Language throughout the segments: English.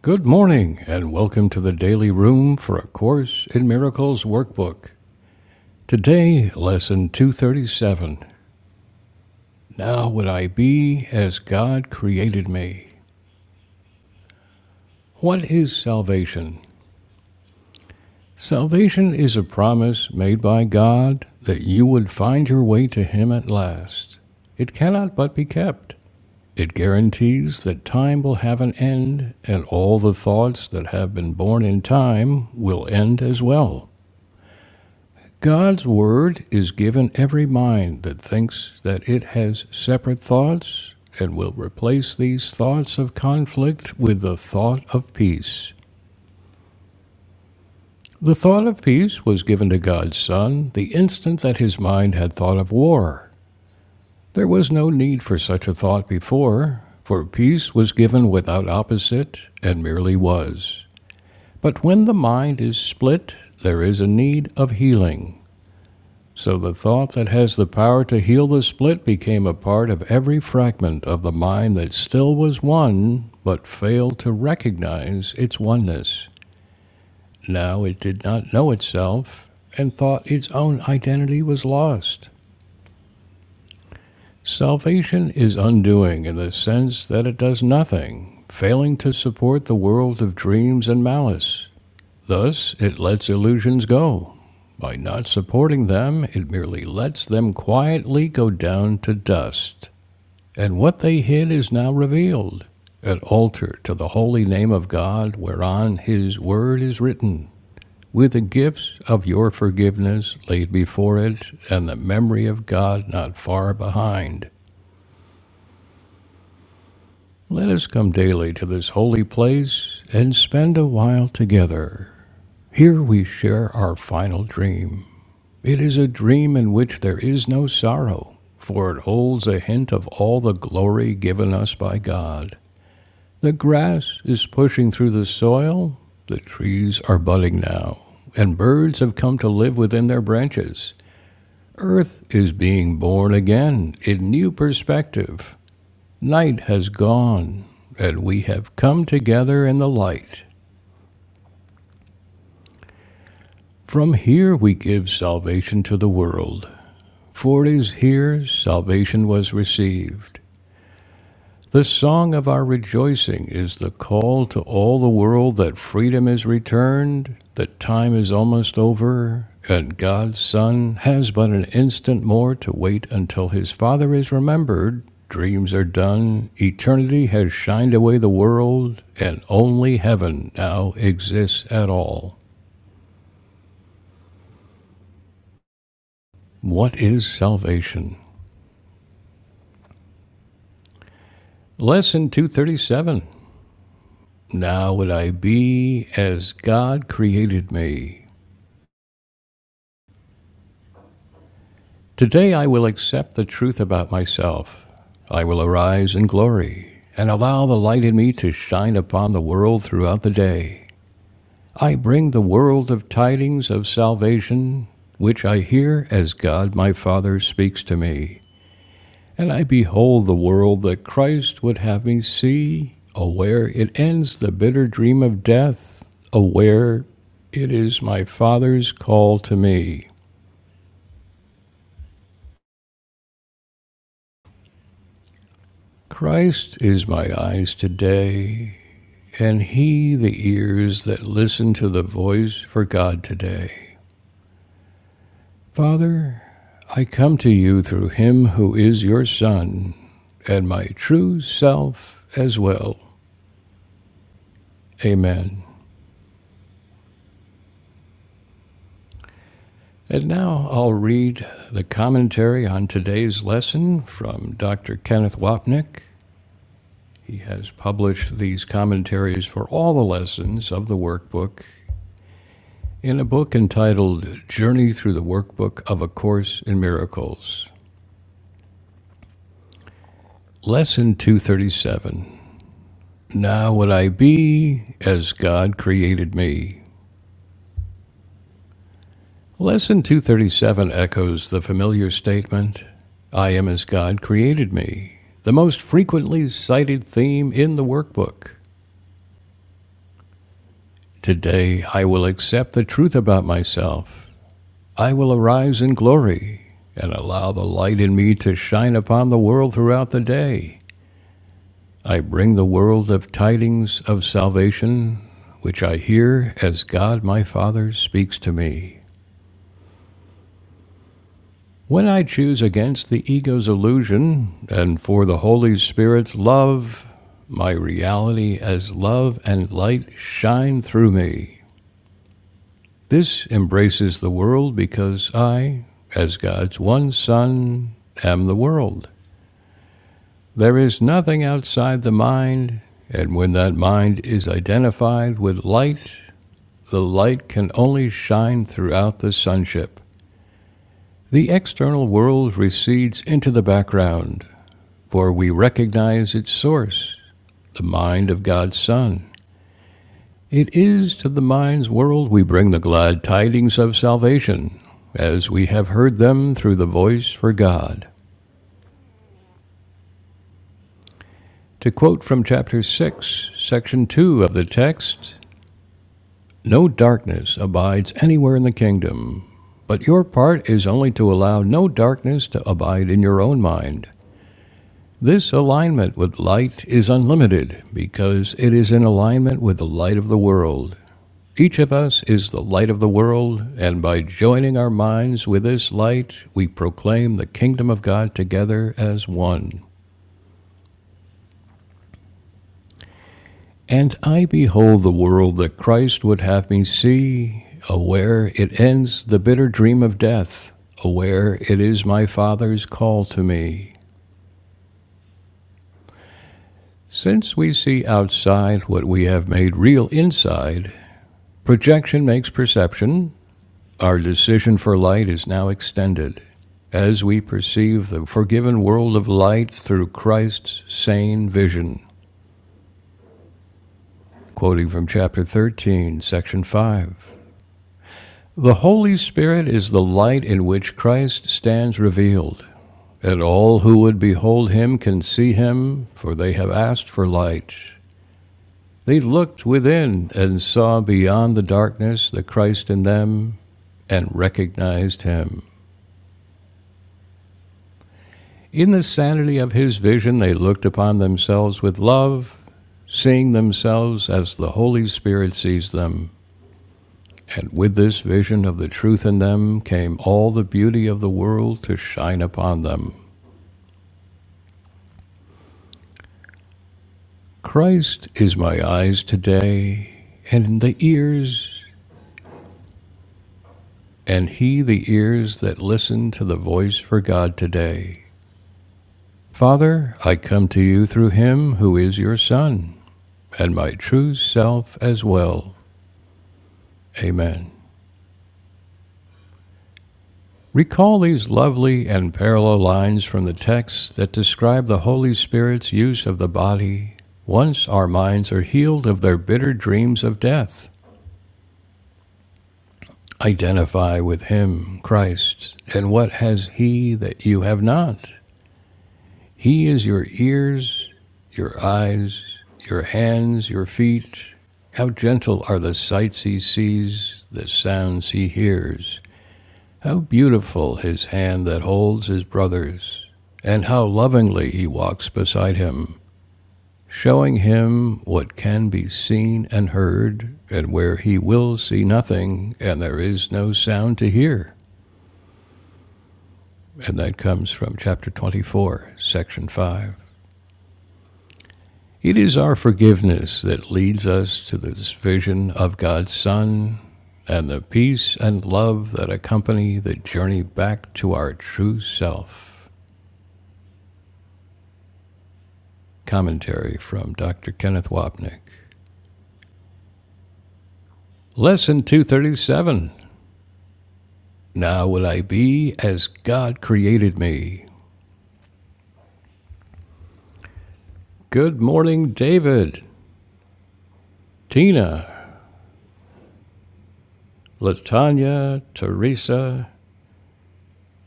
Good morning, and welcome to the Daily Room for A Course in Miracles workbook. Today, lesson 237. Now would I be as God created me. What is salvation? Salvation is a promise made by God that you would find your way to Him at last. It cannot but be kept. It guarantees that time will have an end, and all the thoughts that have been born in time will end as well. God's word is given every mind that thinks that it has separate thoughts and will replace these thoughts of conflict with the thought of peace. The thought of peace was given to God's Son the instant that his mind had thought of war. There was no need for such a thought before, for peace was given without opposite and merely was. But when the mind is split, there is a need of healing. So the thought that has the power to heal the split became a part of every fragment of the mind that still was one, but failed to recognize its oneness. Now it did not know itself and thought its own identity was lost. Salvation is undoing in the sense that it does nothing, failing to support the world of dreams and malice. Thus, it lets illusions go. By not supporting them, it merely lets them quietly go down to dust. And what they hid is now revealed an altar to the holy name of God, whereon his word is written, with the gifts of your forgiveness laid before it, and the memory of God not far behind. Let us come daily to this holy place and spend a while together. Here we share our final dream. It is a dream in which there is no sorrow, for it holds a hint of all the glory given us by God. The grass is pushing through the soil, the trees are budding now, and birds have come to live within their branches. Earth is being born again in new perspective. Night has gone, and we have come together in the light. From here we give salvation to the world, for it is here salvation was received. The song of our rejoicing is the call to all the world that freedom is returned, that time is almost over, and God's Son has but an instant more to wait until his Father is remembered, dreams are done, eternity has shined away the world, and only heaven now exists at all. What is salvation? Lesson 237. Now would I be as God created me. Today I will accept the truth about myself. I will arise in glory and allow the light in me to shine upon the world throughout the day. I bring the world of tidings of salvation, which I hear as God my Father speaks to me. And I behold the world that Christ would have me see, aware it ends the bitter dream of death, aware it is my Father's call to me. Christ is my eyes today. and he the ears that listen to the voice for God today. Father, I come to you through him who is your Son, and my true self as well. Amen. And now I'll read the commentary on today's lesson from Dr. Kenneth Wapnick. He has published these commentaries for all the lessons of the workbook in a book entitled Journey Through the Workbook of A Course in Miracles. Lesson 237 Now would I be as God created me. Lesson 237 echoes the familiar statement I am as God created me, the most frequently cited theme in the workbook. Today I will accept the truth about myself. I will arise in glory and allow the light in me to shine upon the world throughout the day. I bring the world of tidings of salvation, which I hear as God my Father speaks to me. When I choose against the ego's illusion and for the Holy Spirit's love, my reality as love and light shine through me. This embraces the world because I, as God's one Son, am the world. There is nothing outside the mind, and when that mind is identified with light, the light can only shine throughout the sunship. The external world recedes into the background, for we recognize its source, the mind of God's Son. It is to the mind's world we bring the glad tidings of salvation, as we have heard them through the voice for God. To quote from chapter 6, section 2 of the text, No darkness abides anywhere in the kingdom, but your part is only to allow no darkness to abide in your own mind. This alignment with light is unlimited because it is in alignment with the light of the world. Each of us is the light of the world, and by joining our minds with this light, we proclaim the kingdom of God together as one. And I behold the world that Christ would have me see, aware it ends the bitter dream of death, aware it is my Father's call to me. Since we see outside what we have made real inside, projection makes perception, our decision for light is now extended. As we perceive the forgiven world of light through Christ's sane vision. Quoting from chapter 13, section 5. The Holy Spirit is the light in which Christ stands revealed, and all who would behold him can see him, for they have asked for light. They looked within and saw beyond the darkness the Christ in them, and recognized him. In the sanity of his vision, they looked upon themselves with love, seeing themselves as the Holy Spirit sees them. And with this vision of the truth in them came all the beauty of the world to shine upon them. Christ is my eyes today, and the ears, and he the ears that listen to the voice for God today. Father, I come to you through him who is your Son, and my true self as well. Amen. Recall these lovely and parallel lines from the text that describe the Holy Spirit's use of the body once our minds are healed of their bitter dreams of death. Identify with him, Christ. And what has he that you have not? He is your ears, your eyes, your hands, your feet. How gentle are the sights he sees, the sounds he hears. How beautiful his hand that holds his brother's. And how lovingly he walks beside him, showing him what can be seen and heard, and where he will see nothing, and there is no sound to hear. and that comes from chapter 24, section 5. It is our forgiveness that leads us to this vision of God's Son and the peace and love that accompany the journey back to our true self. Commentary from Dr. Kenneth Wapnick. Lesson 237 Now will I be as God created me. Good morning, David, Tina, Latanya, Teresa,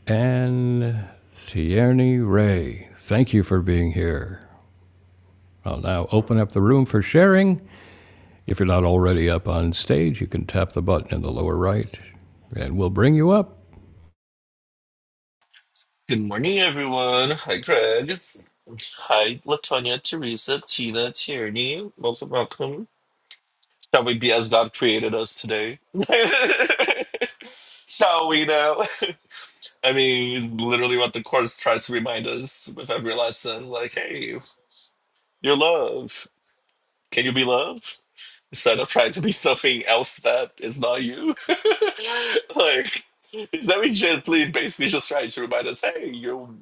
and Tierney Ray. Thank you for being here. I'll now open up the room for sharing. If you're not already up on stage, you can tap the button in the lower right and we'll bring you up. Good morning, everyone. Hi, Greg. Hi, Latonia, Teresa, Tina, Tierney. Welcome, welcome. Shall we be as God created us today? Shall we now? I mean, literally what the Course tries to remind us with every lesson like, hey, you're love. Can you be love? Instead of trying to be something else that is not you. like, is that we gently basically just trying to remind us, hey, you're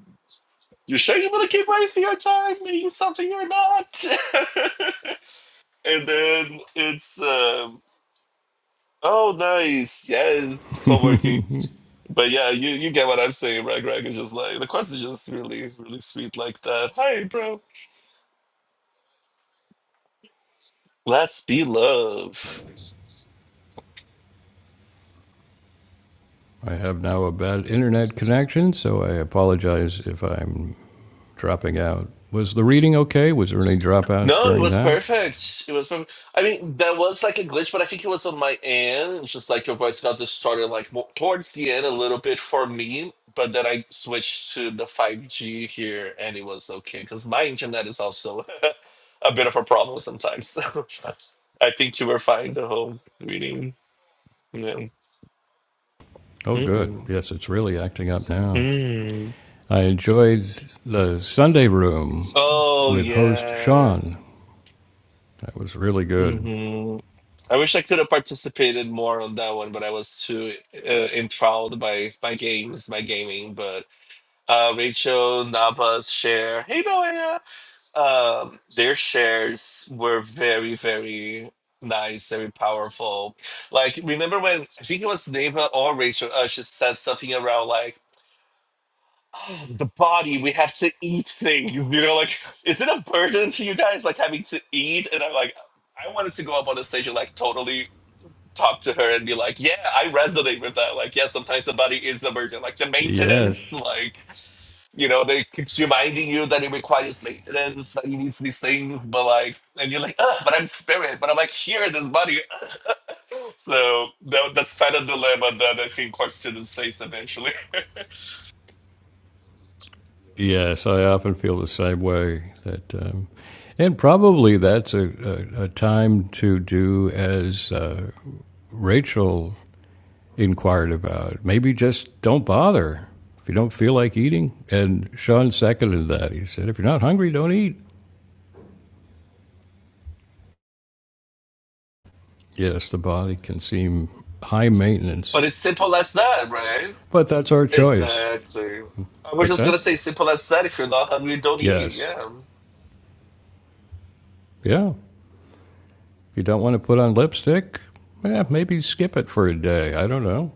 You sure you want to keep wasting your time making something you're not? and then it's um, oh nice, yeah, co-working. I But yeah, you, you get what I'm saying, right, Greg? It's just like the question is just really, really sweet like that. Hi, bro. Let's be love. have now a bad internet connection, so I apologize if I'm dropping out. Was the reading okay? Was there any dropouts No, it during was that? perfect. It was perfect. I mean, there was like a glitch, but I think it was on my end. It's just like your voice got distorted like mo towards the end a little bit for me, but then I switched to the 5G here and it was okay because my internet is also a bit of a problem sometimes. So I think you were fine the whole reading. Yeah. Oh, good. hmm Yes, it's really acting up now. Mm. I enjoyed the Sunday room Oh, with host yeah. Sean. That was really good. I wish I could have participated more on that one, but I was too uh, enthralled by by games, by gaming. But uh, Rachel Nava's share, hey Noah, um, their shares were very, very nice, very powerful. Like remember when I think it was Nava or Rachel, uh, she said something around like "Oh, the body, we have to eat things. You know, like is it a burden to you guys like having to eat? And I'm like. I wanted to go up on the stage and like totally talk to her and be like, yeah, I resonate with that. Like, yeah, sometimes somebody is a virgin. Like the maintenance, Yes, like, you know, they keeps reminding you that it requires maintenance, that you need these things, but like, and you're like, Ugh, but I'm spirit, but I'm like, here, in this body. So that, that's kind of dilemma that I think our students face eventually. yes, I often feel the same way. That, um, and probably that's a, a, a time to do as uh, Rachel inquired about. Maybe just don't bother if you don't feel like eating. And Sean seconded that. He said, if you're not hungry, don't eat. Yes, the body can seem high But maintenance, it's simple as that, right? but that's our choice. Exactly. I was What's just gonna that? say simple as that. If you're not hungry, don't eat. Yes, Yeah. yeah. If you don't want to put on lipstick, yeah, maybe skip it for a day. I don't know.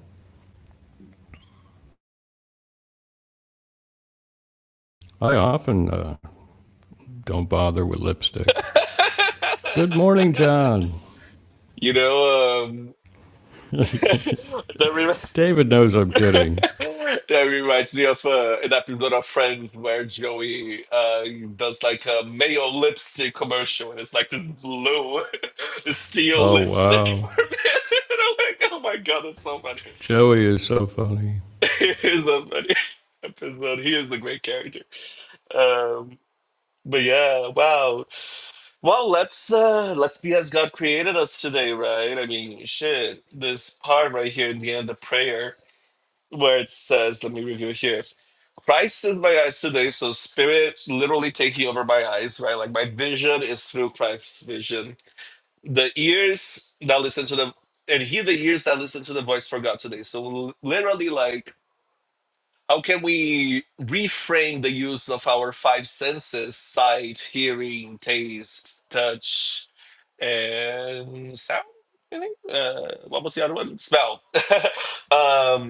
I often uh, don't bother with lipstick. Good morning, John. You know, um, that David knows I'm kidding. That reminds me of uh, an episode of Friends where Joey uh, does like a mayo lipstick commercial, and it's like this blue, the steel Oh, lipstick for wow. a man. And I'm like, oh my god, that's so funny. Joey is so funny. it's a funny episode. He is a great character. Um, but yeah, wow. Well, let's uh, let's be as God created us today, right? I mean, shit. This part right here in the end, the prayer where it says, "Let me review here." Christ is my eyes today, so spirit literally taking over my eyes, right? Like my vision is through Christ's vision. The ears that listen to the and hear the ears that listen to the voice for God today. So l- literally, like, how can we reframe the use of our five senses: sight, hearing, taste, touch, and sound? I think. Uh, what was the other one? Smell. um,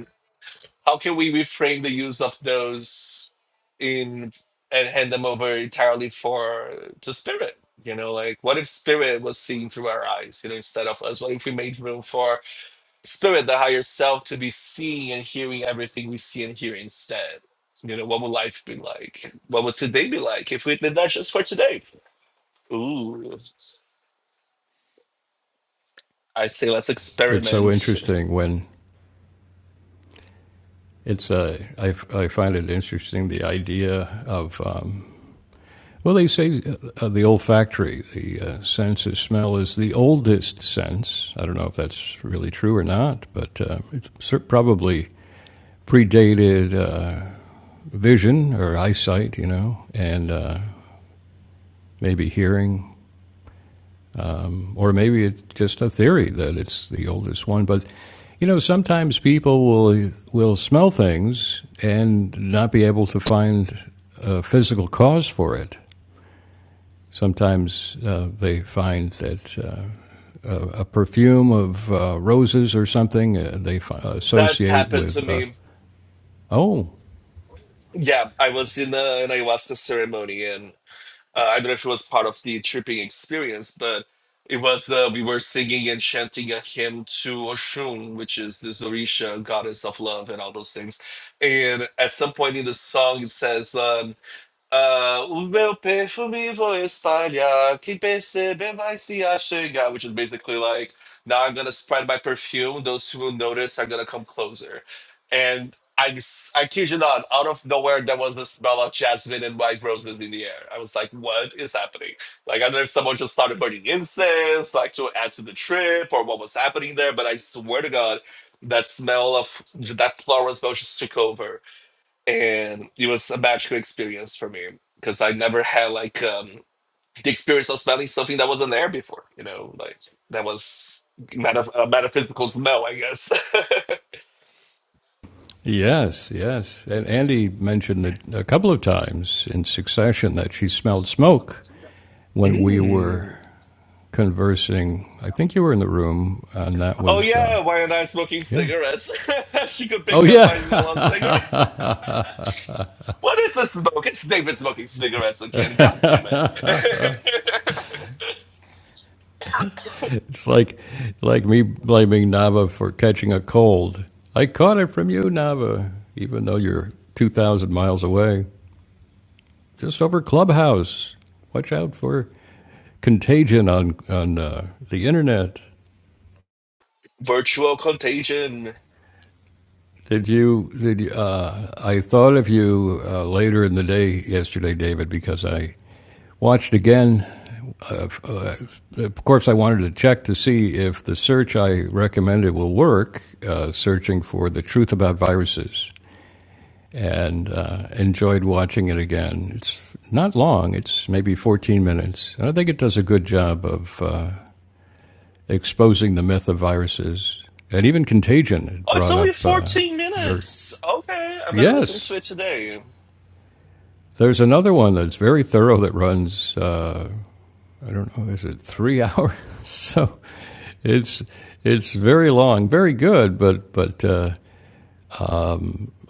how can we reframe the use of those in and hand them over entirely for to spirit you know like what if spirit was seen through our eyes you know instead of us what if we made room for spirit the higher self to be seeing and hearing everything we see and hear instead you know what would life be like what would today be like if we did that just for today ooh i say let's It's so experiment interesting when it's, uh, I, I find it interesting the idea of, um, well, they say uh, the olfactory, the uh, sense of smell, is the oldest sense. I don't know if that's really true or not, but uh, it's probably predated uh, vision or eyesight, you know, and uh, maybe hearing, or maybe it's just a theory that it's the oldest one. But you know, sometimes people will will smell things and not be able to find a physical cause for it. Sometimes uh, they find that uh, a, a perfume of uh, roses or something uh, they fi- that's associate happened to with. Uh, me oh, yeah i was in a, an ayahuasca ceremony and. Uh, I don't know if it was part of the tripping experience, but it was uh, we were singing and chanting a hymn to Oshun, which is this Orisha goddess of love and all those things. And at some point in the song, it says. Um, Ah, o meu perfume vou espalhar. Quem perceber vai se achegar, which is basically like, now I'm gonna spread my perfume. Those who will notice are gonna come closer. And I, s- I kid you not, out of nowhere, there was a smell of jasmine and white roses in the air. I was like, what is happening? Like, I don't know if someone just started burning incense, like to add to the trip or what was happening there, but I swear to God, that smell of that floral smell just took over and it was a magical experience for me because I never had like um, the experience of smelling something that wasn't there before. You know, like that was metaph- a metaphysical smell, I guess. yes, yes. And Andy mentioned that a couple of times in succession that she smelled smoke when we were Mm. conversing. I think you were in the room, and that Oh was uh, yeah, why am I smoking yeah. cigarettes? she could Oh pick up yeah, my smell of cigarettes. What is the smoke? It's David smoking cigarettes again. God damn it! it's like like me blaming Nava for catching a cold. I caught it from you, Nava, even though you're two thousand miles away, just over Clubhouse. Watch out for contagion on on uh, the internet. Virtual contagion. Did you? Did you, uh, I thought of you uh, later in the day yesterday, David, because I watched again uh, of course, I wanted to check to see if the search I recommended will work, uh, searching for the truth about viruses, and uh, enjoyed watching it again. It's not long, it's maybe 14 minutes. And I think it does a good job of uh, exposing the myth of viruses and even contagion. It Oh, it's brought only up uh, fourteen very. minutes. Okay, I'm gonna listen Yes! to it today. There's another one that's very thorough that runs, uh, I don't know, is it three hours? So It's it's very long, very good, but but uh,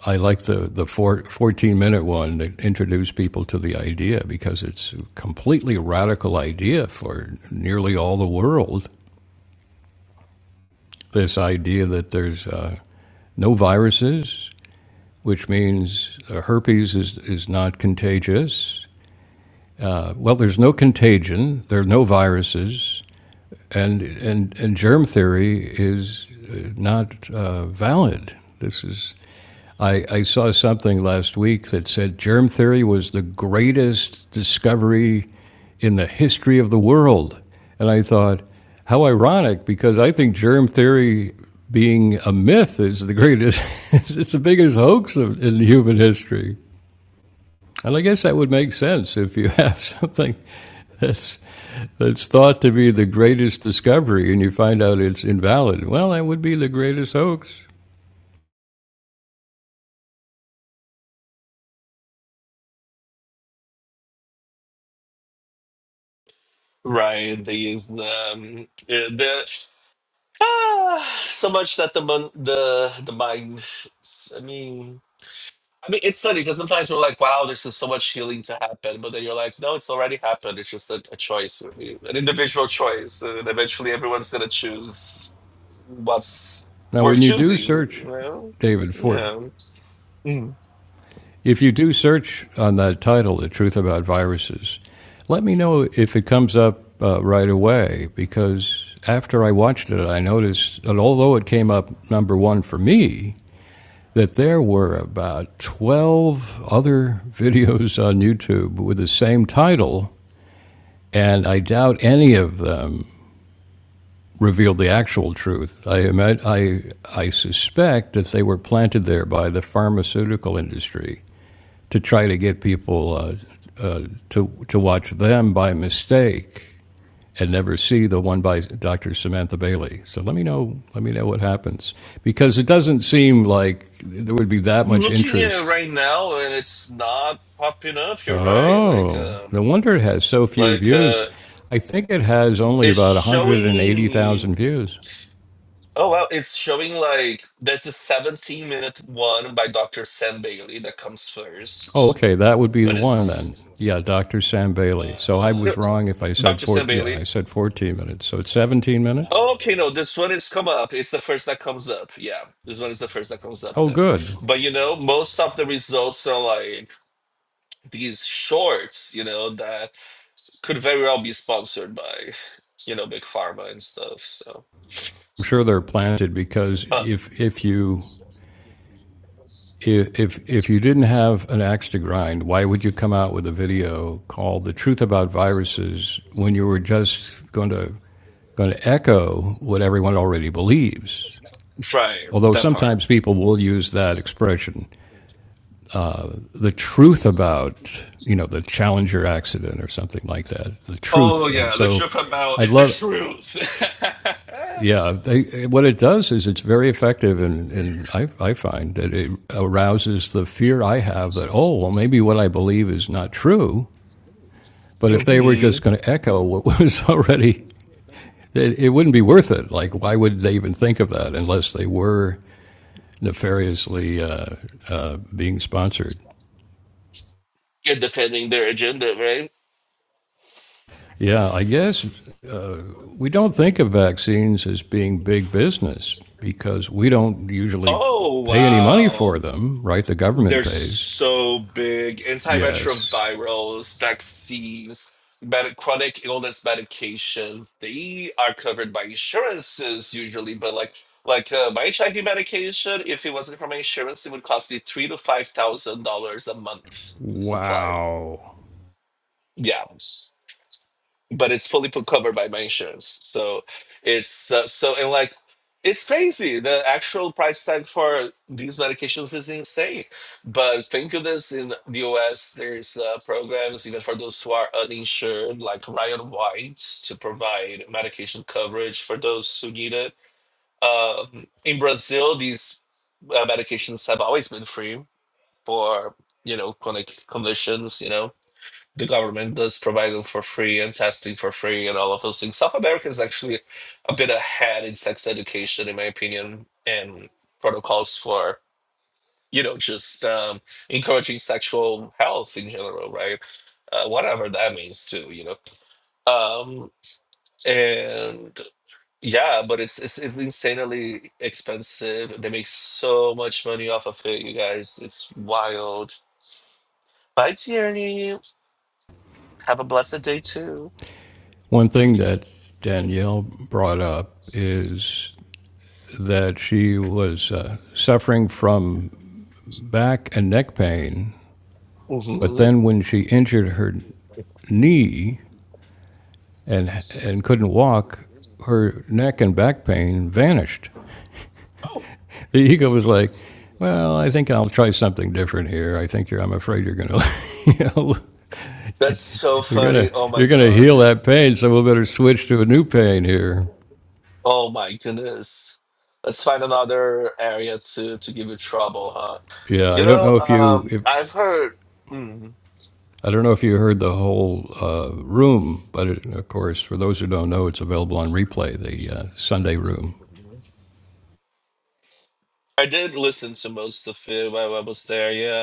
I like the the four, 14 minute one that introduced people to the idea because it's a completely radical idea for nearly all the world. This idea that there's uh, no viruses, which means uh, herpes is, is not contagious. Uh, well, there's no contagion, there are no viruses, and, and, and germ theory is uh, not uh, valid. This is I, I saw something last week that said germ theory was the greatest discovery in the history of the world. And I thought, how ironic, because I think germ theory being a myth is the greatest, it's the biggest hoax of, in human history. And I guess that would make sense if you have something that's, that's thought to be the greatest discovery and you find out it's invalid. Well, that would be the greatest hoax. Right. These um eh, the ah, so much that the mon- the the mind I mean I mean it's funny because sometimes we're like, wow, there's is so much healing to happen, but then you're like, no, it's already happened. It's just a, a choice, an individual choice. And eventually everyone's gonna choose what's Now, worth when you do choosing. search, Well, David, for yeah. Mm. If you do search on that title, The Truth About Viruses, let me know if it comes up uh, right away because after I watched it, I noticed that although it came up number one for me, that there were about 12 other videos on YouTube with the same title, and I doubt any of them revealed the actual truth. I, I, I suspect that they were planted there by the pharmaceutical industry to try to get people uh, uh, to to watch them by mistake and never see the one by Dr. Samantha Bailey. So let me know let me know what happens because it doesn't seem like there would be that I'm much looking at it interest. right now and it's not popping up, you're right. Like Oh, no um wonder it has so few like views. uh I think it has only It's about showing. 180,000 views. Oh well, it's showing like there's a 17 minute one by Dr. Sam Bailey that comes Oh, first, okay, that would be the but one then. Yeah, it's Dr. Sam Bailey. So I was wrong if I said Dr. four. Sam Yeah, Bailey. I said 14 minutes. So it's 17 minutes. Oh, okay, no, this one is come up. It's the first that comes up. Yeah, this one is the first that comes up Oh, then. good. But you know, most of the results are like these shorts, you know, that could very well be sponsored by, you know, big pharma and stuff. So. I'm sure they're planted because Uh, if if you if if- you didn't have an axe to grind, why would you come out with a video called "The Truth About Viruses" when you were just going to going to echo what everyone already believes? right, Although that part. sometimes people will use that expression, the truth about you know the Challenger accident or something like that, the Oh truth, and yeah, the so truth about I it's the love. truth. Yeah, they, what it does is it's very effective, and, and I, I find that it arouses the fear I have that, oh, well, maybe what I believe is not true. But if they were hmm just going to echo what was already, it, it wouldn't be worth it. Like, why would they even think of that unless they were nefariously uh, uh, being sponsored? And defending their agenda, right? Yeah, I guess we don't think of vaccines as being big business because we don't usually Oh pay any money for wow. them, right? The government They're pays. so big. Yes. Antiretrovirals, vaccines, med- chronic illness medication. They are covered by insurances usually, but like like uh, my HIV medication, if it wasn't from my insurance, it would cost me three to five thousand dollars a month. The supply. Wow. Yeah but it's fully put covered by my insurance. So it's uh, so and like it's crazy. The actual price tag for these medications is insane. But thank goodness in the US there's uh, programs even for those who are uninsured, like Ryan White, to provide medication coverage for those who need it. Um, in Brazil, these uh, medications have always been free for you know chronic conditions. You know, the government does provide them for free and testing for free and all of those things. South America is actually a bit ahead in sex education, in my opinion, and protocols for you know just um, encouraging sexual health in general, right? Uh, whatever that means, too, you know. Um, and yeah, but it's, it's it's insanely expensive. They make so much money off of it, you guys. It's wild. Bye, Tierney. Have a blessed day too. One thing that Danielle brought up is that she was uh, suffering from back and neck pain, but Mhm. then when she injured her knee and and couldn't walk, her neck and back pain vanished. Oh, The ego was like, "Well, I think I'll try something different here. I think you're. I'm afraid you're gonna, you know, that's so you're gonna funny. Oh my you're gonna god. heal that pain, so we'll better switch to a new pain here." Oh my goodness. Let's find another area to to give you trouble, huh? Yeah, You I don't know, know if you um, if I've heard. mm, I don't know if you heard the whole uh, room, but it, of course, for those who don't know, it's available on replay. The uh, Sunday room. I did listen to most of it while I was there. Yeah.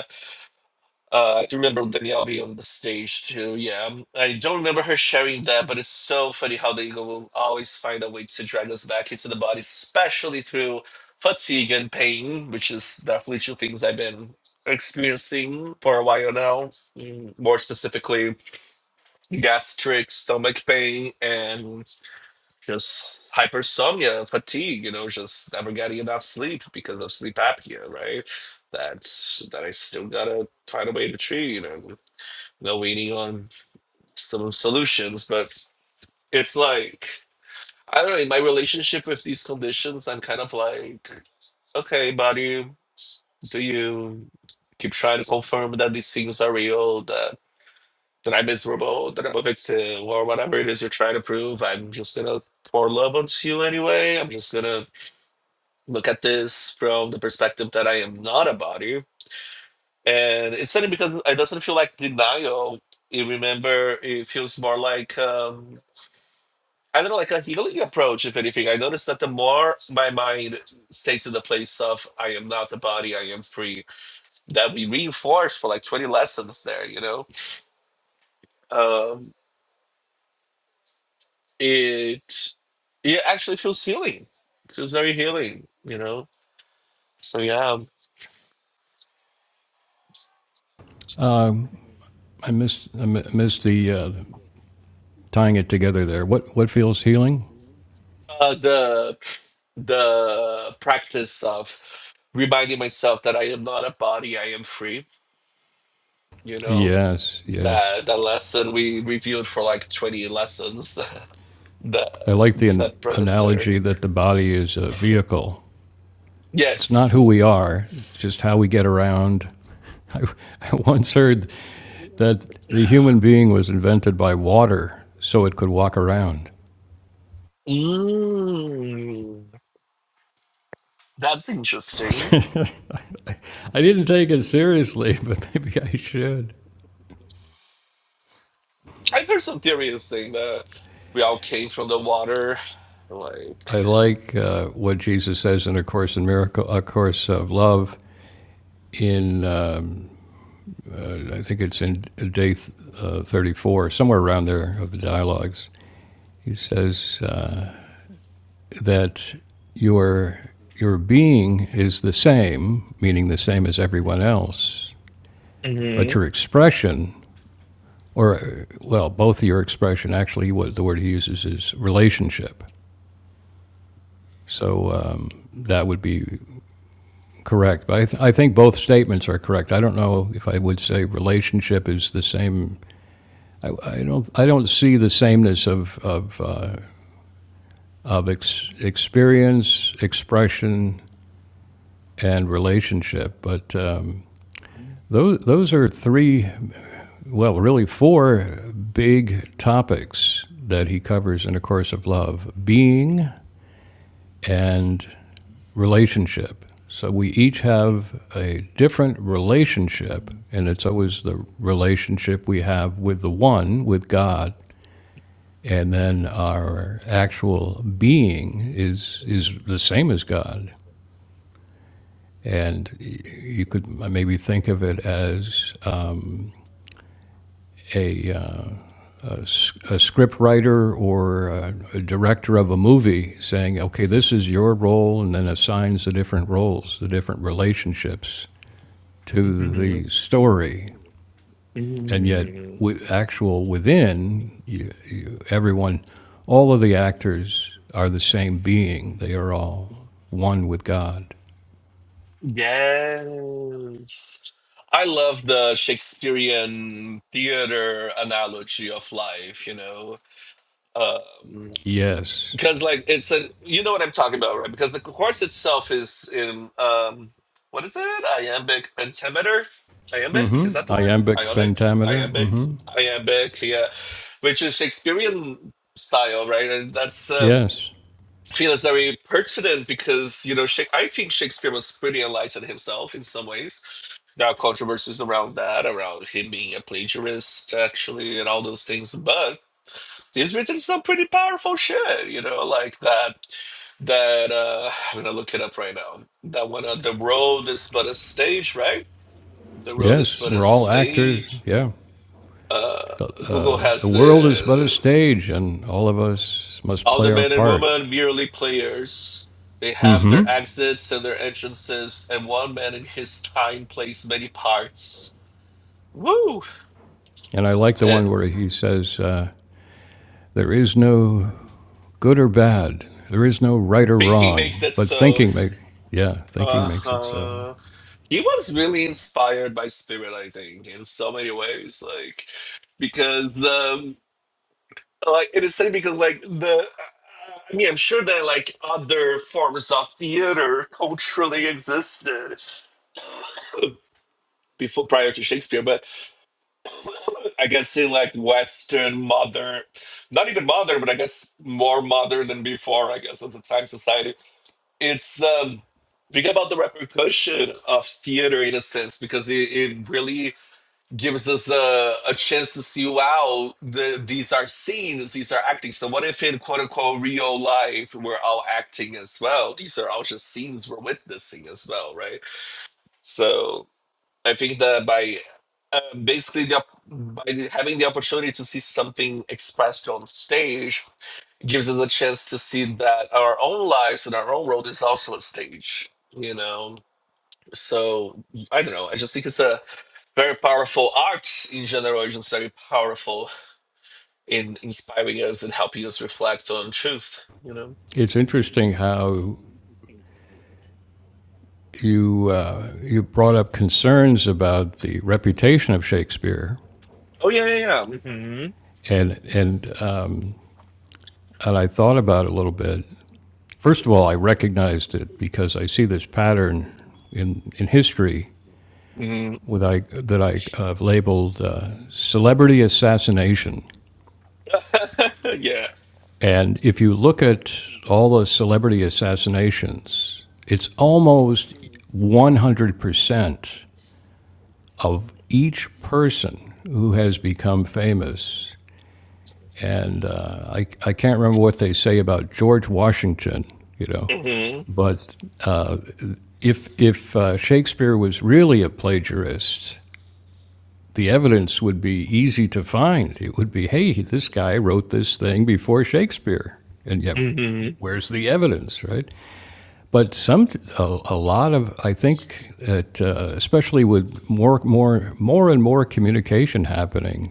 Uh, I do remember Danielle being on the stage too. Yeah, I don't remember her sharing that, but it's so funny how they will always find a way to drag us back into the body, especially through fatigue and pain, which is definitely two things I've been experiencing for a while now. Mm, More specifically, gastric, stomach pain, and just hypersomnia, fatigue. You know, just never getting enough sleep because of sleep apnea, right? That's that I still gotta find a way to treat. You know? know, waiting on some solutions. But it's like, I don't know, in my relationship with these conditions, I'm kind of like, okay, buddy, do you keep trying to confirm that these things are real, that, that I'm miserable, that I'm a victim, or whatever it is you're trying to prove? I'm just going to pour love onto you anyway. I'm just going to look at this from the perspective that I am not a body. And it's funny because it doesn't feel like denial. You remember, it feels more like. um, kind of like a healing approach, if anything. I noticed that the more my mind stays in the place of I am not the body, I am free, that we reinforce for like 20 lessons there, you know, um, it, it actually feels healing. It feels very healing, you know? So, yeah. um, Um I missed I missed the uh, tying it together there. What what feels healing? Uh, the the practice of reminding myself that I am not a body, I am free, you know, Yes, yes. that that lesson we reviewed for like 20 lessons That I like the an- that preface there. analogy that the body is a vehicle. It's not who Yes. we are, it's just how we get around. I, I once heard that the human being was invented by water so it could walk around. Mm, that's interesting. I didn't take it seriously, but maybe I should. I've heard some theories saying that we all came from the water. Like I like uh, what Jesus says in A Course in Miracle, A Course of Love, in um, uh, I think it's in day th- uh, 34, somewhere around there of the dialogues. He says uh, that your your being is the same, meaning the same as everyone else, but Mhm. your expression, or uh, well, both your expression actually, what the word he uses is relationship. So um, that would be correct. But I, th- I think both statements are correct. I don't know if I would say relationship is the same. I, I don't. I don't see the sameness of of uh, of ex- experience, expression, and relationship. But um, those those are three. Well, really four big topics that he covers in a course of love: being and relationship. So we each have a different relationship, and it's always the relationship we have with the one, with God, and then our actual being is is the same as God. And you could maybe think of it as a, a s- a script writer or a director of a movie saying, okay, this is your role, and then assigns the different roles, the different relationships to Mhm. the story and yet Mhm. with actual within you, everyone all of the actors are the same being they are all one with god Yes. I love the Shakespearean theater analogy of life, you know. Um, yes because like it's a you know what I'm talking about, right? Because the course itself is in um what is it? Iambic pentameter? mm Iambic? Is hmm that the word? iambic Ionic? pentameter mm Iambic? hmm Iambic, yeah. Which is Shakespearean style, right? And that's um yes I feel it's very pertinent because you know Shak- I think Shakespeare was pretty enlightened himself in some ways. There are controversies around that, around him being a plagiarist, actually, and all those things. But He's written some pretty powerful shit, you know, like that. That uh, I'm gonna look it up right now. That one, uh, the road is but a stage, right? The road is yes but a we're all actors stage. yeah Uh, Google the has world is but a the stage and all of us must all play the our men and part women merely players. They have their exits and their entrances, and one man in his time plays many parts. Woo! and i like the Uh, one where he says uh, there is no good or bad there is no right or banking makes wrong it but so. thinking make yeah thinking Uh makes it so huh. he was really inspired by Spirit, I think, in so many ways. Like, because um, like it is funny because like the, I mean, I'm sure that like other forms of theater culturally existed before prior to Shakespeare, but I guess in like Western modern, not even modern, but I guess more modern than before. I guess at the time society, it's um, think about the repercussion of theater in a sense because it, it really gives us a, a chance to see wow the, these are scenes these are acting so what if in quote unquote real life we're all acting as well these are all just scenes we're witnessing as well right so i think that by uh, basically the, op- by having the opportunity to see something expressed on stage it gives us a chance to see that our own lives and our own world is also a stage you know so i don't know i just think it's a very powerful art in general is just very powerful in inspiring us and helping us reflect on truth you know It's interesting how you uh, you brought up concerns about the reputation of Shakespeare, oh yeah yeah yeah mm-hmm. and and uh, and I thought about it a little bit. First of all, I recognized it because I see this pattern in in history Mm-hmm. with I, that I have uh, labeled uh, celebrity assassination. yeah And if you look at all the celebrity assassinations, it's almost 100% of each person who has become famous. And uh, I, I can't remember what they say about George Washington, you know, mm-hmm. but if, if uh, Shakespeare was really a plagiarist, the evidence would be easy to find. It would be, hey, this guy wrote this thing before Shakespeare. And yet, Mm-hmm. where's the evidence, right? But some, a, a lot of, I think that, uh, especially with more, more, more and more communication happening,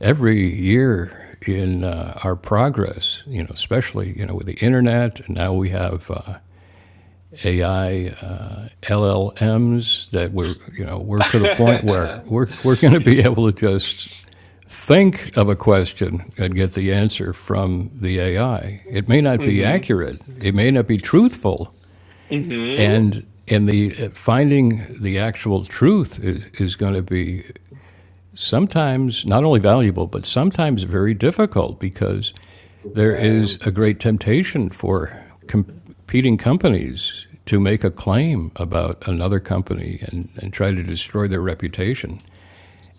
every year in uh, our progress, you know, especially you know with the internet, and now we have uh, AI, uh, LLMs that we're you know we're to the point where we're we're going to be able to just think of a question and get the answer from the AI. It may not be mm-hmm. accurate, it may not be truthful, Mm-hmm. and and the uh, finding the actual truth is, is going to be sometimes not only valuable but sometimes very difficult because there is Um, a great temptation for competing companies to make a claim about another company and, and try to destroy their reputation.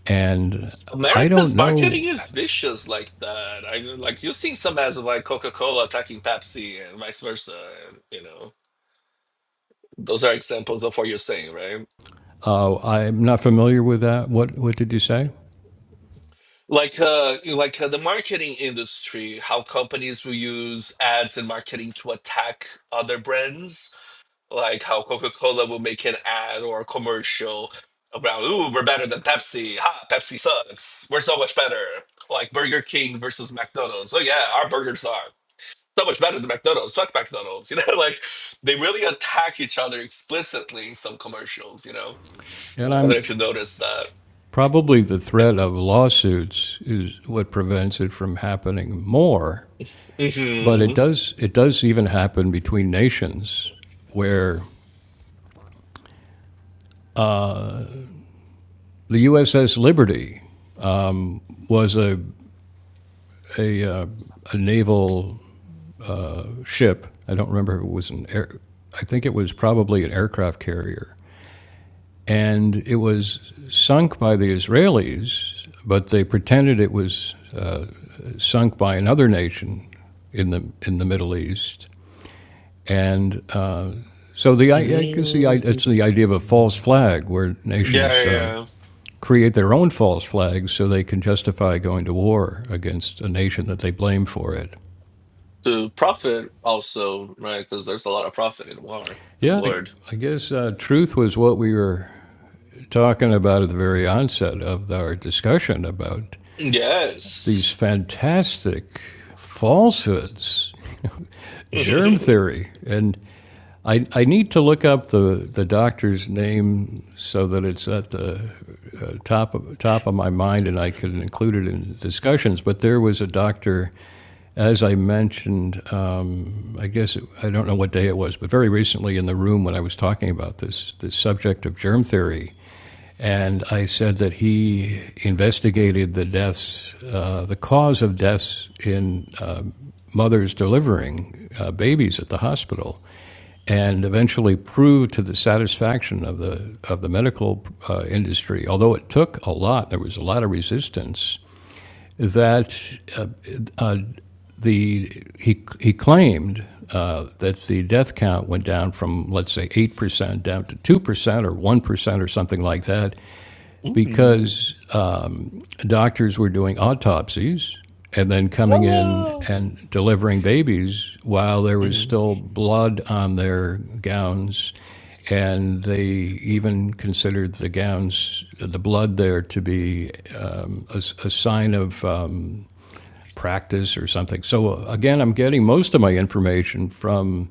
And I don't america's marketing know, is vicious like that i like you've seen some ads of like coca-cola attacking pepsi and vice versa and, you know those are examples of what you're saying right? uh, I'm not familiar with that. What, what did you say? like uh like uh, the marketing industry how companies will use ads and marketing to attack other brands like how coca-cola will make an ad or a commercial about ooh we're better than pepsi ha pepsi sucks we're so much better like burger king versus mcdonald's oh yeah our burgers are so much better than mcdonald's fuck mcdonald's you know like they really attack each other explicitly in some commercials you know And i don't know I'm if you noticed that probably the threat of lawsuits is what prevents it from happening more. But it Mhm. does, it does even happen between nations where the USS Liberty was a, a, uh, a naval ship. I don't remember if it was an air, I think it was probably an aircraft carrier. And it was sunk by the Israelis, but they pretended it was sunk by another nation in the, in the Middle East. And uh, so the, I guess the, it's the idea of a Mm. false flag where Yeah, nations um, yeah. yeah. create their own false flags so they can justify going to war against a nation that they blame for it. To profit also, right? Because there's a lot of profit in war. Good Yeah, I, lord. I guess uh, truth was what we were talking about at the very onset of our discussion about these Yes. fantastic falsehoods, germ theory. And I, I need to look up the, the doctor's name so that it's at the uh, top, of, top of my mind and I can include it in discussions. But there was a doctor, as I mentioned, um, I guess it, I don't know what day it was, but very recently in the room when I was talking about this, this subject of germ theory and I said that he investigated the deaths, uh, the cause of deaths in uh, mothers delivering uh, babies at the hospital, and eventually proved to the satisfaction of the of the medical uh, industry. Although it took a lot, there was a lot of resistance. That uh, uh, the he he claimed uh, that the death count went down from let's say eight percent down to two percent or one percent or something like that Mhm. because um, doctors were doing autopsies and then coming in Hello. and delivering babies while there was Mhm. still blood on their gowns. And they even considered the gowns, the blood there, to be um, a, s- a sign of um, practice or something. So, uh, again, I'm getting most of my information from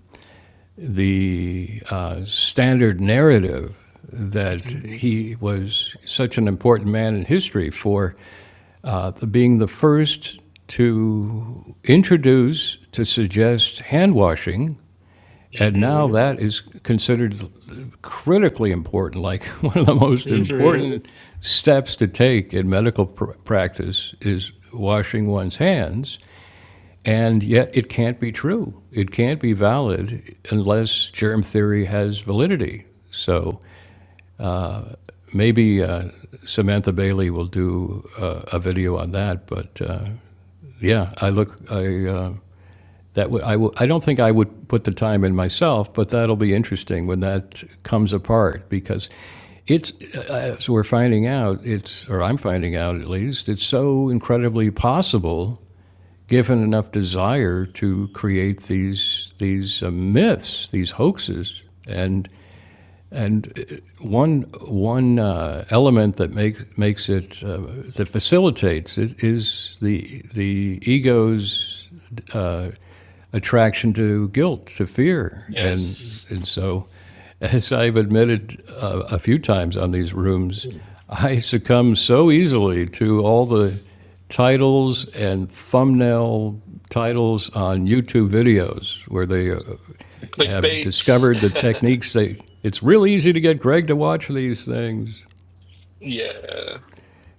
the uh, standard narrative that Mhm. he was such an important man in history for uh, the- being the first to introduce, to suggest hand washing. And now Mhm. that is considered critically important, like one of the most Mhm. important steps to take in medical pr- practice is washing one's hands. And yet, it can't be true. It can't be valid unless germ theory has validity. So maybe uh, Samantha Bailey will do uh, a video on that. But uh, yeah, I look. I uh, that would. I w- I don't think I would put the time in myself, but that'll be interesting when that comes apart because it's uh, as we're finding out. It's or I'm finding out at least. It's so incredibly possible given enough desire to create these these uh, myths, these hoaxes, and and uh, one, one uh, element that makes, makes it, uh, that facilitates it is the, the ego's uh, attraction to guilt, to fear. And, Yes. and so, as I've admitted uh, a few times on these rooms, I succumb so easily to all the titles and thumbnail titles on YouTube videos where they uh, have discovered the Clickbait. techniques. They, it's real easy to get Greg to watch these things. yeah.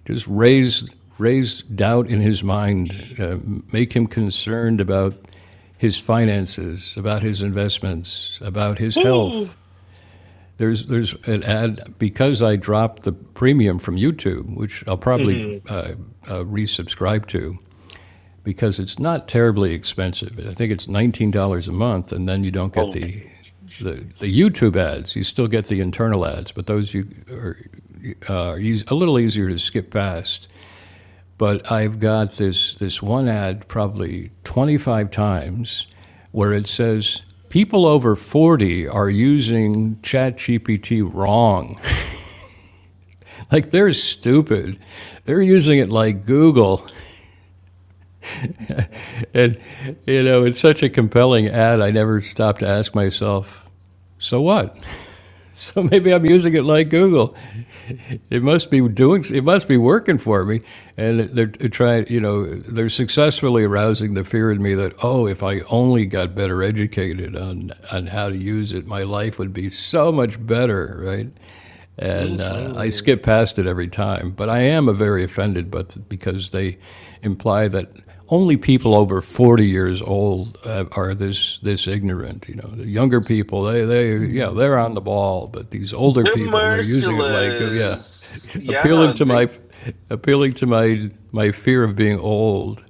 Just raise raise doubt in his mind, uh, make him concerned about his finances, about his investments, about his Woo. health. There's there's an ad because I dropped the premium from YouTube, which I'll probably Mhm. uh, uh, resubscribe to because it's not terribly expensive. I think it's nineteen dollars a month, and then you don't get Okay. the the, the YouTube ads, you still get the internal ads, but those you are, uh, are eas a little easier to skip past. But I've got this this one ad probably 25 times where it says people over 40 are using ChatGPT wrong. like they're stupid. They're using it like Google, and you know it's such a compelling ad. I never stopped to ask myself, so what? So maybe I'm using it like Google. It must be doing. It must be working for me, and they're trying. You know, they're successfully arousing the fear in me that oh, if I only got better educated on on how to use it, my life would be so much better, right? and uh, I Mhm. skip past it every time. But I am a very offended, but because they imply that only people over 40 years old uh, are this this ignorant. You know, the younger people, they they yeah, they're on the ball, but these older They're people, they're using it like oh, yeah, merciless. appealing Yeah, to they my appealing to my my fear of being old.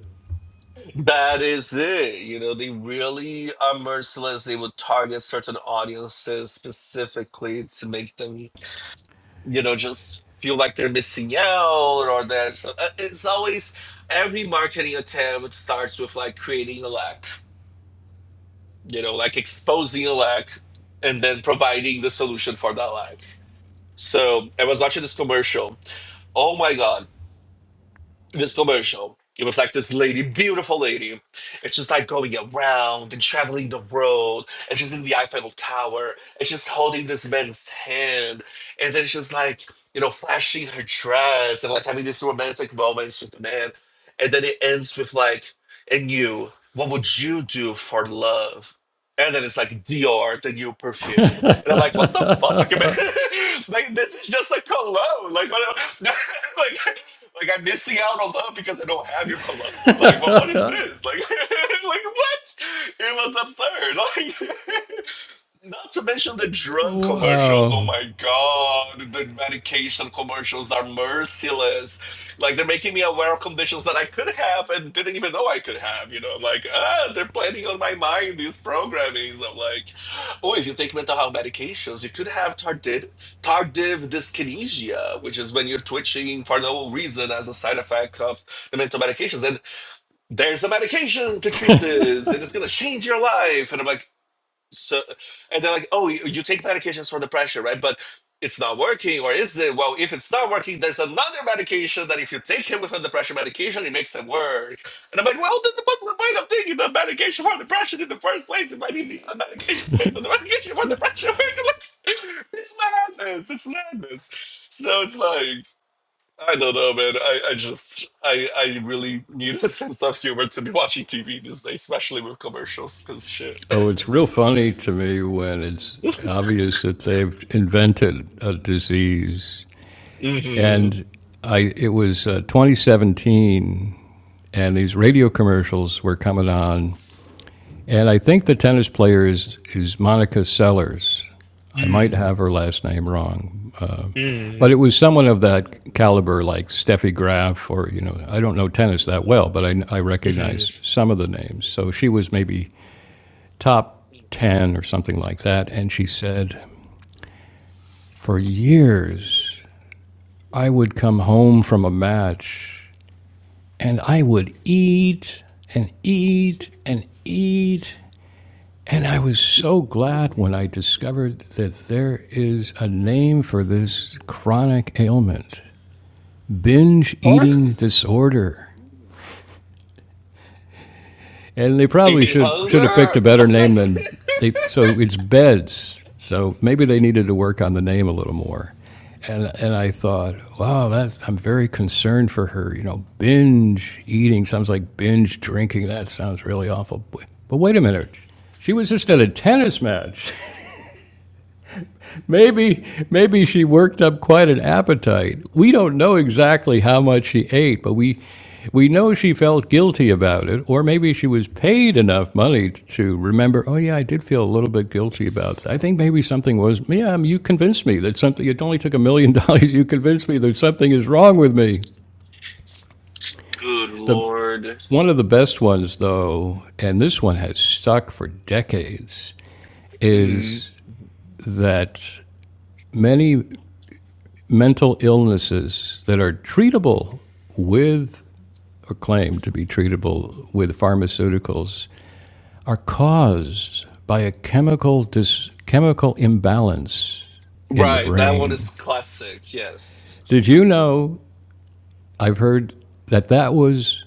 That is it. You know, they really are merciless. They would target certain audiences specifically to make them, you know, just feel like they're missing out or that So uh, it's always every marketing attempt starts with like creating a lack, you know, like exposing a lack and then providing the solution for that lack. So I was watching this commercial. Oh my God. this commercial. It was like this lady, beautiful lady, and she's like going around and traveling the world, and she's in the Eiffel Tower, and she's holding this man's hand, and then she's like, you know, flashing her dress and like having these romantic moments with the man, and then it ends with like, and you, what would you do for love? And then it's like Dior, the new perfume, and I'm like, what the fuck, man? like this is just a cologne, like what? like Like I'm missing out on love because I don't have your cologne. Like, what? What is this? Like, like what? It was absurd. Like, Not to mention the drug commercials. Oh wow. my God. The medication commercials are merciless. Like they're making me aware of conditions that I could have and didn't even know I could have. You know, I'm like, ah, they're planning on my mind, these programmings. I'm like, oh, if you take mental health medications, you could have tardive, tardive dyskinesia, which is when you're twitching for no reason as a side effect of the mental medications. And there's a medication to treat this. and It is going to change your life. And I'm like, so and they're like oh you, you take medications for the pressure, right but it's not working or is it well if it's not working there's another medication that if you take it with the pressure medication it makes it work and i'm like well then the but why i'm taking the medication for the pressure in the first place if i need the other medication to make the medication for depression work like, it's madness it's madness so it's like i don't know man i, I just I, I really need a sense of humor to be watching tv these days especially with commercials because shit Oh, it's real funny to me when it's obvious that they've invented a disease. hmm And I, it was uh, 2017, and these radio commercials were coming on. And I think the tennis player is, is Monica Sellers. I might Mm, have her last name wrong, uh, but it mm, was someone of that caliber, like Steffi Graf, or you know, I don't know tennis that well, but I, I recognize mm. some of the names. So she was maybe top 10 or something like that. And she said, For years, I would come home from a match and I would eat and eat and eat. And I was so glad when I discovered that there is a name for this chronic ailment binge What? eating disorder. And they You probably mean should should have picked hunger? a better name than they. So it's beds. So maybe they needed to work on the name a little more. And and I thought, wow, that I'm very concerned for her. You know, binge eating sounds like binge drinking. That sounds really awful. But wait a minute, she was just at a tennis match. Maybe maybe she worked up quite an appetite. We don't know exactly how much she ate, but we we know she felt guilty about it, or maybe she was paid enough money to remember, oh yeah, I did feel a little bit guilty about that. I think maybe something was, yeah, um, you convinced me that something it only took a million dollars, you convinced me that something is wrong with me. Good The lord. one of the best ones though, and this one has stuck for decades, Mm. is that many mental illnesses that are treatable with or claimed to be treatable with pharmaceuticals are caused by a chemical dis- chemical imbalance in the Right, that one is brain. classic, yes. Did you know? I've heard that that was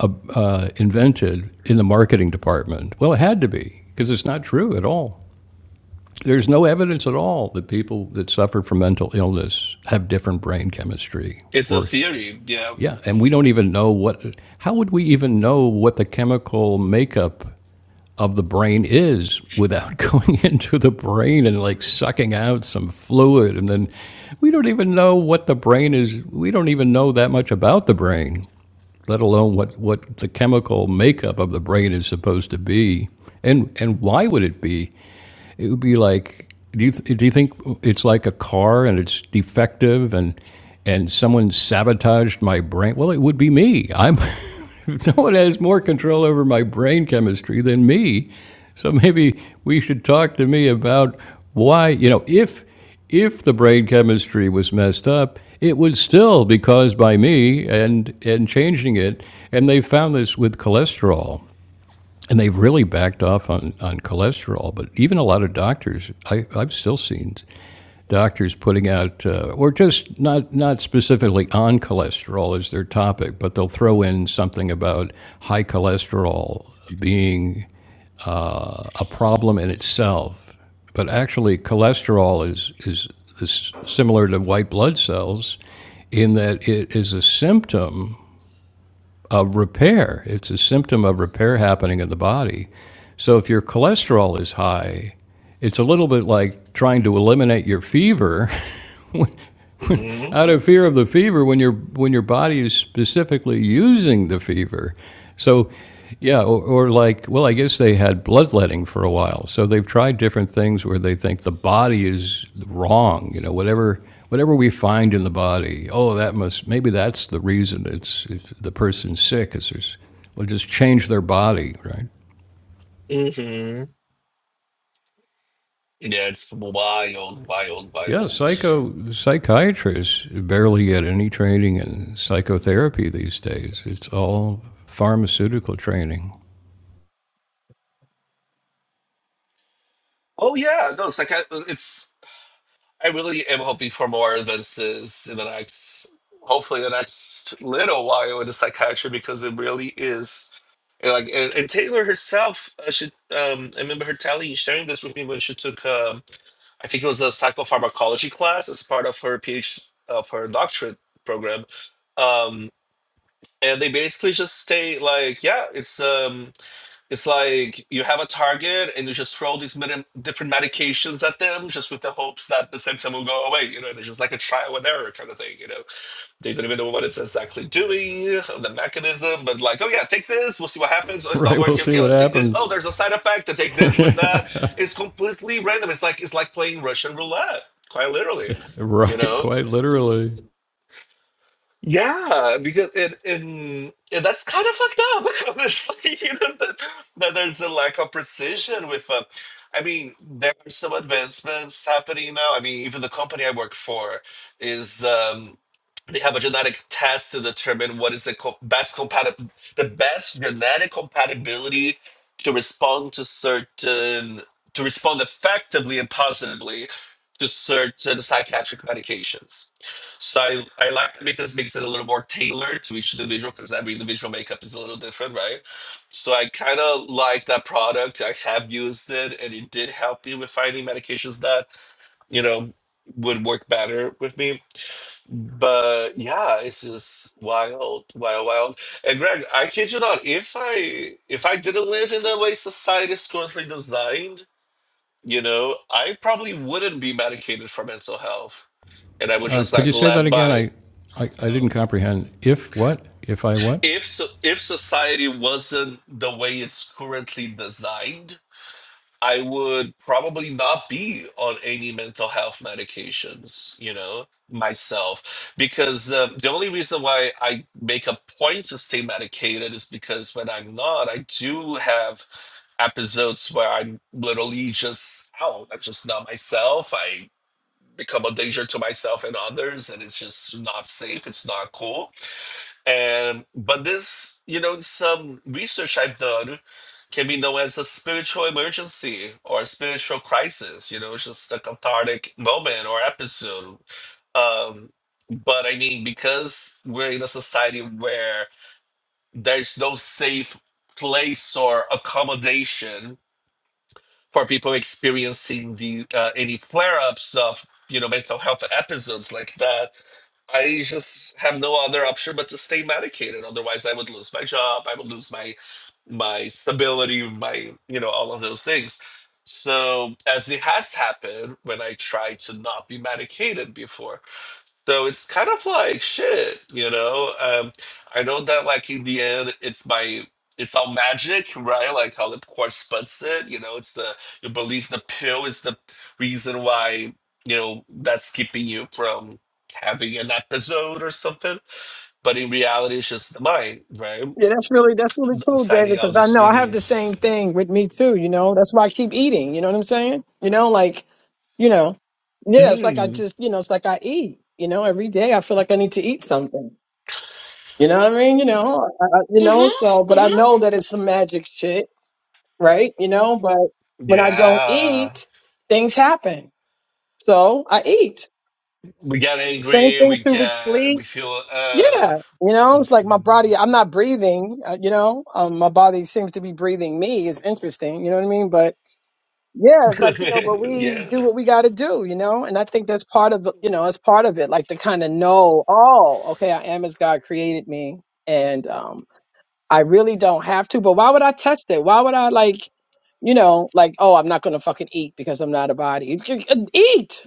uh, uh, invented in the marketing department. Well, it had to be because it's not true at all. There's no evidence at all that people that suffer from mental illness have different brain chemistry It's a or theory, yeah. Yeah, and we don't even know what. How would we even know what the chemical makeup of the brain is without going into the brain and like sucking out some fluid? And then we don't even know what the brain is. We don't even know that much about the brain, let alone what, what the chemical makeup of the brain is supposed to be. And, and why would it be? it would be like do you th- do you think it's like a car and it's defective and and someone sabotaged my brain? Well, it would be me. I'm no one has more control over my brain chemistry than me. So maybe we should talk to me about why, you know, if if the brain chemistry was messed up, it would still be caused by me and and changing it. And they found this with cholesterol. And they've really backed off on, on cholesterol, but even a lot of doctors, I, I've still seen doctors putting out, uh, or just not, not specifically on cholesterol as their topic, but they'll throw in something about high cholesterol being a problem in itself. But actually, cholesterol is, is, is similar to white blood cells in that it is a symptom of repair. It's a symptom of repair happening in the body. So if your cholesterol is high, it's a little bit like trying to eliminate your fever hmm out of fear of the fever when your when your body is specifically using the fever. So, yeah, or, or like, well, I guess they had bloodletting for a while. So they've tried different things where they think the body is wrong. You know, whatever whatever we find in the body, oh, that must maybe that's the reason it's, it's the person's sick. Is there's well, just change their body, right? hmm Yeah, it's wild, wild, Yeah, wild. psycho psychiatrists barely get any training in psychotherapy these days. It's all pharmaceutical training. Oh yeah, no, it's like it's I really am hoping for more advances in the next, hopefully, the next little while in the psychiatry because it really is. And like and, and Taylor herself, I should um, I remember her telling sharing this with me when she took um, I think it was a psychopharmacology class as part of her PhD of her doctorate program, um, and they basically just state like yeah it's um, it's like you have a target and you just throw these medi- different medications at them just with the hopes that the symptom will go away. You know, it's just like a trial and error kind of thing. You know, they don't even know what it's exactly doing, or the mechanism, but like, oh yeah, take this, we'll see what happens. Oh, it's not Right, we'll working. see Okay, what let's take this. Oh, happens. there's a side effect to take this with that. It's completely random. It's like it's like playing Russian roulette, quite literally. You right, know, quite literally. yeah, because it in yeah, that's kind of fucked up. Honestly, you know that, that there's a lack of precision with. Uh, I mean, there are some advancements happening now. I mean, even the company I work for is. Um, they have a genetic test to determine what is the co- best compatible the best genetic compatibility to respond to certain to respond effectively and positively to certain psychiatric medications. So I, I like it because it makes it a little more tailored to each individual because every individual makeup is a little different, right? So I kind of like that product. I have used it and it did help me with finding medications that, you know, would work better with me but yeah, it's just wild, wild, wild. And Greg, I kid you not, if I if I didn't live in the way society is currently designed, you know, I probably wouldn't be medicated for mental health. And I would Uh, just could like you say that led again? by I, I, I didn't oh, comprehend. If what? If I what? if so, if society wasn't the way it's currently designed, I would probably not be on any mental health medications, you know, myself. Because uh, the only reason why I make a point to stay medicated is because when I'm not, I do have episodes where I'm literally just out. I'm just not myself. I become a danger to myself and others, and it's just not safe. It's not cool and but this, you know, some research I've done can be known as a spiritual emergency or a spiritual crisis. You know, it's just a cathartic moment or episode. Um, but I mean, because we're in a society where there's no safe place or accommodation for people experiencing the uh, any flare-ups of you know mental health episodes like that i just have no other option but to stay medicated otherwise i would lose my job i would lose my my stability my you know all of those things so as it has happened when i tried to not be medicated before so it's kind of like shit, you know. Um, I know that like in the end, it's my it's all magic, right? Like how Lipquart puts it, you know. It's the you believe the pill is the reason why you know that's keeping you from having an episode or something. But in reality, it's just the mind, right? Yeah, that's really that's really cool, David, Assigning out because I these know I have the meanings. same thing with me too, you know. That's why I keep eating, you know what I'm saying? You know, like, you know, yeah, it's like I Mm. just, you know, it's like I eat, you know, every day I feel like I need to eat something. You know what I mean? You know, I, I- you know, so Mm-hmm. but I Mm-hmm. know that it's some magic shit, right? You know, but when I don't Yeah. eat, things happen. So I eat. We get Same angry. thing We too with get. sleep We feel. Uh. Yeah, you know, it's like my body, mhm. I'm not breathing, uh, you know, um, my body seems to be breathing me. It's interesting, you know what I mean? But yeah, it's like, you know, but we yeah. do what we got to do, you know? And I think that's part of, the- you know, that's part of it, like to kind of know, oh, okay, I am as God created me. And um, I really don't have to, but why would I test it? Why would I like, you know, like, oh, I'm not going to fucking eat because I'm not a body. Eat.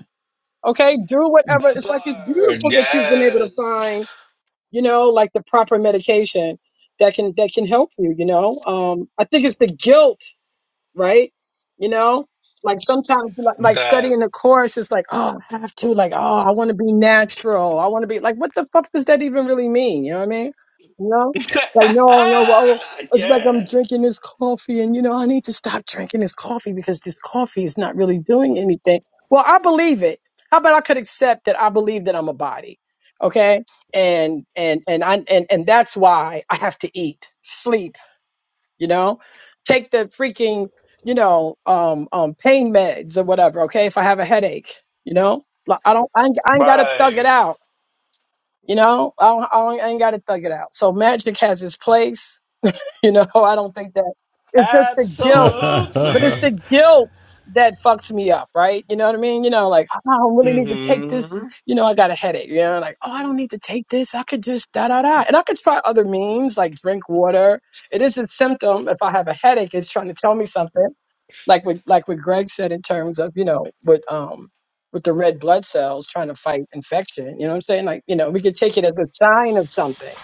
Okay, do whatever. That It's like it's part. beautiful that you've been able to Yes. find you know, like the proper medication that can that can help you, you know. Um I think it's the guilt right? You know, like sometimes like like That. studying the course is like, oh, I have to, like, oh, I want to be natural. I want to be like, what the fuck does that even really mean? You know what I mean? You know, like, no, no, well, oh, it's like I'm drinking yes. this coffee and, you know, I need to stop drinking this coffee because this coffee is not really doing anything. Well, I believe it. How about I could accept that I believe that I'm a body? Okay. And, and, and I, and, and that's why I have to eat, sleep, you know take the freaking you know um um pain meds or whatever okay if i have a headache you know Like, i don't i ain't, I ain't gotta thug it Right. out you know I, don't, I, don't, I ain't gotta thug it out so magic has its place you know, I don't think that it's just the guilt, but it's Absolutely. the guilt that fucks me up, right? You know what I mean? You know, like, oh, I don't really need to take this. Mm-hmm. You know, I got a headache. You know, like, oh, I don't need to take this. I could just da da da. And I could try other means like drink water. It is a symptom. If I have a headache, it's trying to tell me something. Like what like what Greg said in terms of, you know, with um with the red blood cells trying to fight infection. You know what I'm saying? Like, you know, we could take it as a sign of something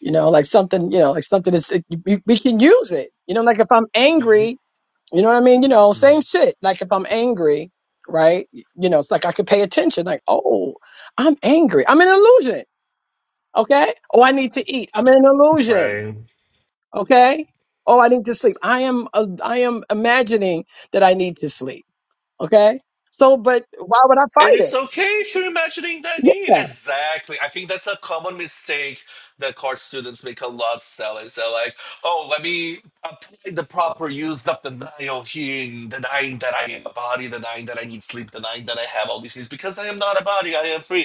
you know, like something, you know, like something is, it, we, we can use it, you know, like if I'm angry, you know what I mean? You know, same shit. Like if I'm angry, right? You know, it's like I could pay attention, like, oh, I'm angry. I'm an illusion. Okay. Oh, I need to eat. I'm an illusion. Right. Okay. Oh, I need to sleep. I am, uh, I am imagining that I need to sleep. Okay. So, but why would I And fight it? it's okay if you're imagining that need. Yeah. Exactly. I think that's a common mistake that college students make a lot of sellers. They're like, oh, let me apply the proper use of denial here, in denying that I am a body, denying that I need sleep, denying that I have all these things because I am not a body, I am free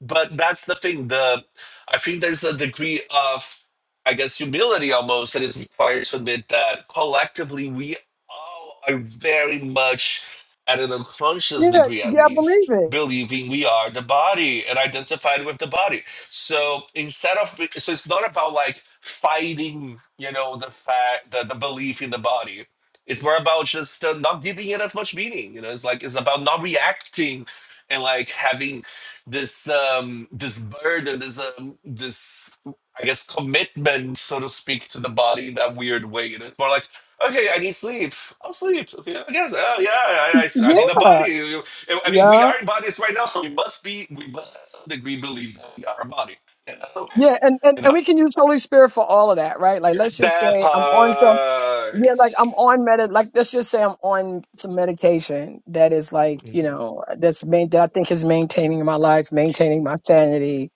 but that's the thing the i think there's a degree of i guess humility almost that is required to admit that collectively we all are very much at an unconscious Yeah. degree at Yeah. I least believe it. believing we are the body and identified with the body so instead of so it's not about like fighting you know the fact the, the belief in the body it's more about just uh, not giving it as much meaning you know it's like it's about not reacting and like having this um this burden this um this i guess commitment so to speak to the body in that weird way you it's more like okay i need sleep i'll sleep okay i guess oh yeah i Yeah. i, I mean a body you- you- i mean we Yeah. are in bodies right now so we must be we must at some degree believe that we are a body and that's okay Yeah, and, and, you and know we can use Holy Spirit for all of that, right? Like, let's just that say I'm on some, part yeah, like I'm on med, like let's just say I'm on some medication that is like, you know, that's main that I think is maintaining my life, maintaining my sanity,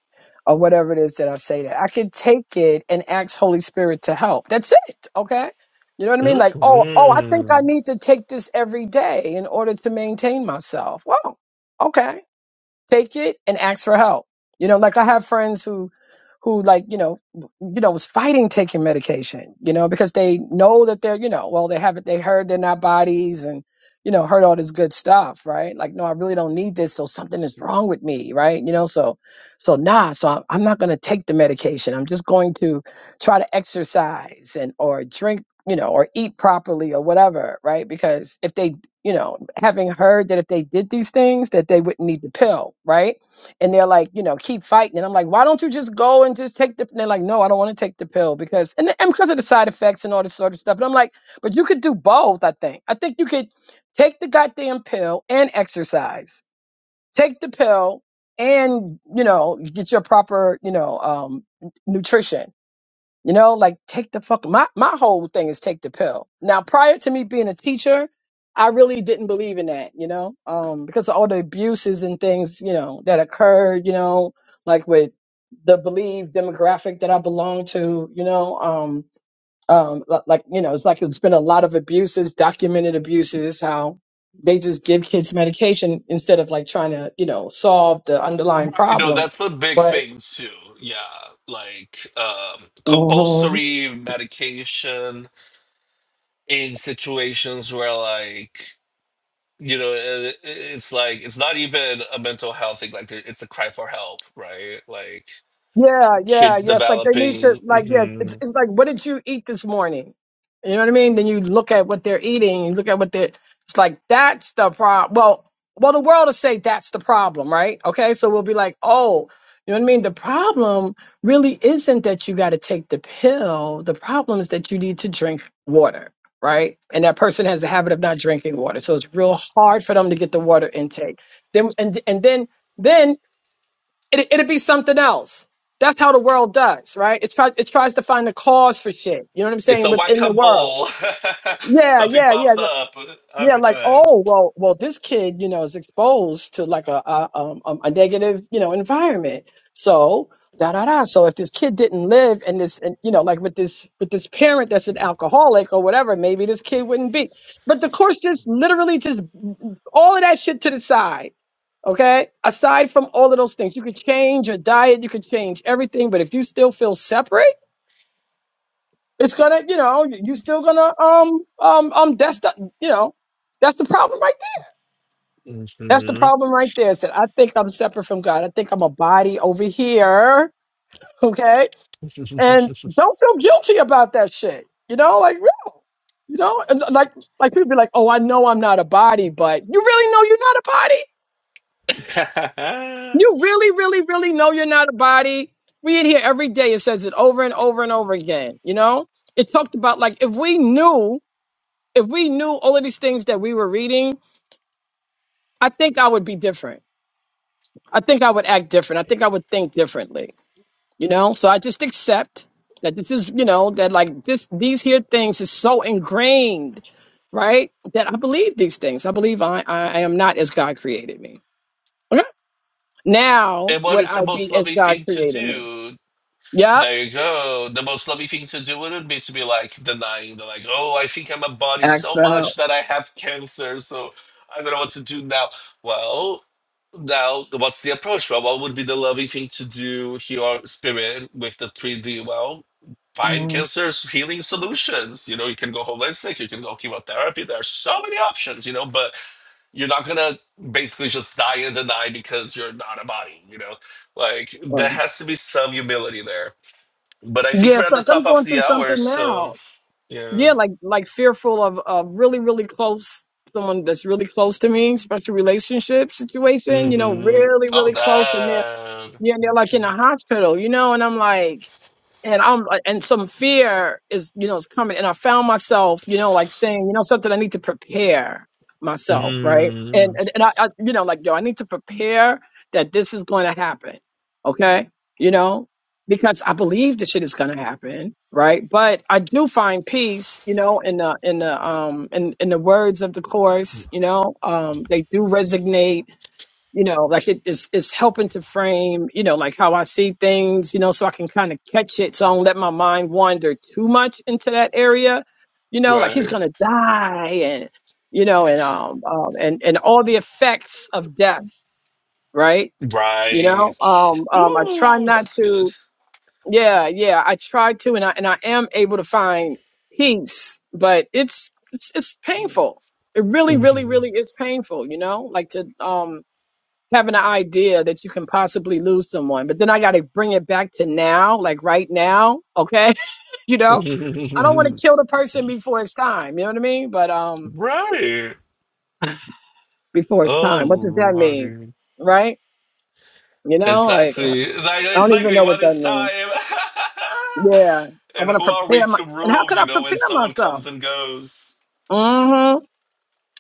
or whatever it is that I say that I could take it and ask Holy Spirit to help. That's it, okay? You know what I mean? Like, oh, oh, I think Mhm. I need to take this every day in order to maintain myself. Wow, okay Take it and ask for help. You know, like I have friends who, who like you know, you know, was fighting taking medication. You know, because they know that they're you know, well they haven't they heard they're not bodies and you know heard all this good stuff, right? Like no, I really don't need this. So something is wrong with me, right? You know, so so nah. So I'm, I'm not going to take the medication. I'm just going to try to exercise and or drink you know, or eat properly or whatever, right? Because if they, you know, having heard that if they did these things, that they wouldn't need the pill, right? And they're like, you know, keep fighting. And I'm like, why don't you just go and just take the? And they're like, no, I don't want to take the pill because and, and because of the side effects and all this sort of stuff. And I'm like, but you could do both. I think. I think you could take the goddamn pill and exercise. Take the pill and you know get your proper you know um, nutrition you know, like take the fuck. My my whole thing is take the pill. Now, prior to me being a teacher, I really didn't believe in that. You know, um, because of all the abuses and things you know that occurred. You know, like with the believed demographic that I belong to. You know, um, um, li- like you know, it's like it's been a lot of abuses, documented abuses. How they just give kids medication instead of like trying to you know solve the underlying I know problem. that's a big But thing too. Yeah, like um, compulsory medication in situations where, like, you know, it, it's like it's not even a mental health thing. Like, there- it's a cry for help, right? Like, Yeah, yeah, kids yes. Like they need developing. to, like, yeah, it's, hmm it's like, what did you eat this morning? You know what I mean? Then you look at what they're eating, you look at what they're, it's like, that's the problem. Well, well, the world will say that's the problem, right? Okay. So we'll be like, oh, you know what I mean? The problem really isn't that you got to take the pill. The problem is that you need to drink water, right? And that person has a habit of not drinking water. So it's real hard for them to get the water intake. Then, and, and then, then it, it'd be something else. That's how the world does, right? It tries it tries to find a cause for shit. You know what I'm It's saying? a whack Within a the world. mole. Yeah, Something yeah, yeah. pops up Yeah, every like time. oh well, well this kid you know is exposed to like a a, um, um, a negative you know environment. So da da da. So if this kid didn't live in this and you know like with this with this parent that's an alcoholic or whatever, maybe this kid wouldn't be. But the course just literally just all of that shit to the side. Okay, aside from all of those things, you could change your diet, you could change everything, but if you still feel separate, it's gonna you know you still gonna um um um that's the you know that's the problem right that's the hmm problem right there. Is that I think I'm separate from God. I think I'm a body over here. Okay. And don't feel guilty about that shit. You know, like real. You know, and uh, like like people be like, oh, I know I'm not a body, but you really know you're not a body? and You really, really, really know you're not a body. We in here every day. It says it over and over and over again. You know? It talked about like if we knew, if we knew all of these things that we were reading, I think I would be different. I think I would act different. I think I would think differently you know so i just accept that this is you know that like this these here things is so ingrained right that i believe these things i believe i i, I am not as god created me okay now what would is i the most be as loving god thing to created me do? yep There you go. The most loving thing to do wouldn't be to be like denying the like, oh, I think I'm a body ask so for help much that I have cancer, so I don't know what to do now. Well, now what's the approach? Well, what would be the loving thing to do here spirit with the 3D? Well, find Mhm. cancer's healing solutions. You know, you can go holistic, you can go chemotherapy. There are so many options, you know, but you're not gonna basically just die and deny because you're not a body, you know? Like there Well, has to be some humility there. But I think yeah we're it's at the like i'm top of going the through hour, something now so yeah. yeah like like fearful of a really really close someone that's really close to me special relationship situation you know Mm-hmm. really All really close and that. Yeah, and they're like in a hospital, you know, and I'm like, and I'm uh, and some fear is, you know, is coming. And I found myself, you know, like saying, you know, something I need to prepare myself, right? And Mm. and, and I, I, you know, like yo, I need to prepare that this is going to happen, okay? You know, because I believe this shit is going to happen, right? But I do find peace, you know, in the in the um in in the words of the course, you know, um they do resonate you know like it, it's it's helping to frame you know like how i see things you know so i can kind of catch it so i don't let my mind wander too much into that area you know like he's Right. gonna die and you know and um, um and and all the effects of death right you know Right. um um i try Ooh, not that's good. to yeah yeah i try to and i and i am able to find peace but it's it's, it's painful it really really hmm really is painful you know like to um having an idea that you can possibly lose someone, but then I got to bring it back to now, like right now. Okay. you know, I don't want to kill the person before it's time. You know what I mean? But, um, right. before it's Oh time, what does that mean? lordy. Right. You know, like Exactly. Like I don't even exactly know what what that is means. time? Yeah. I and want who to are we prepare my, to and how rule, could you I know, when prepare someone myself? comes and goes? Mm-hmm.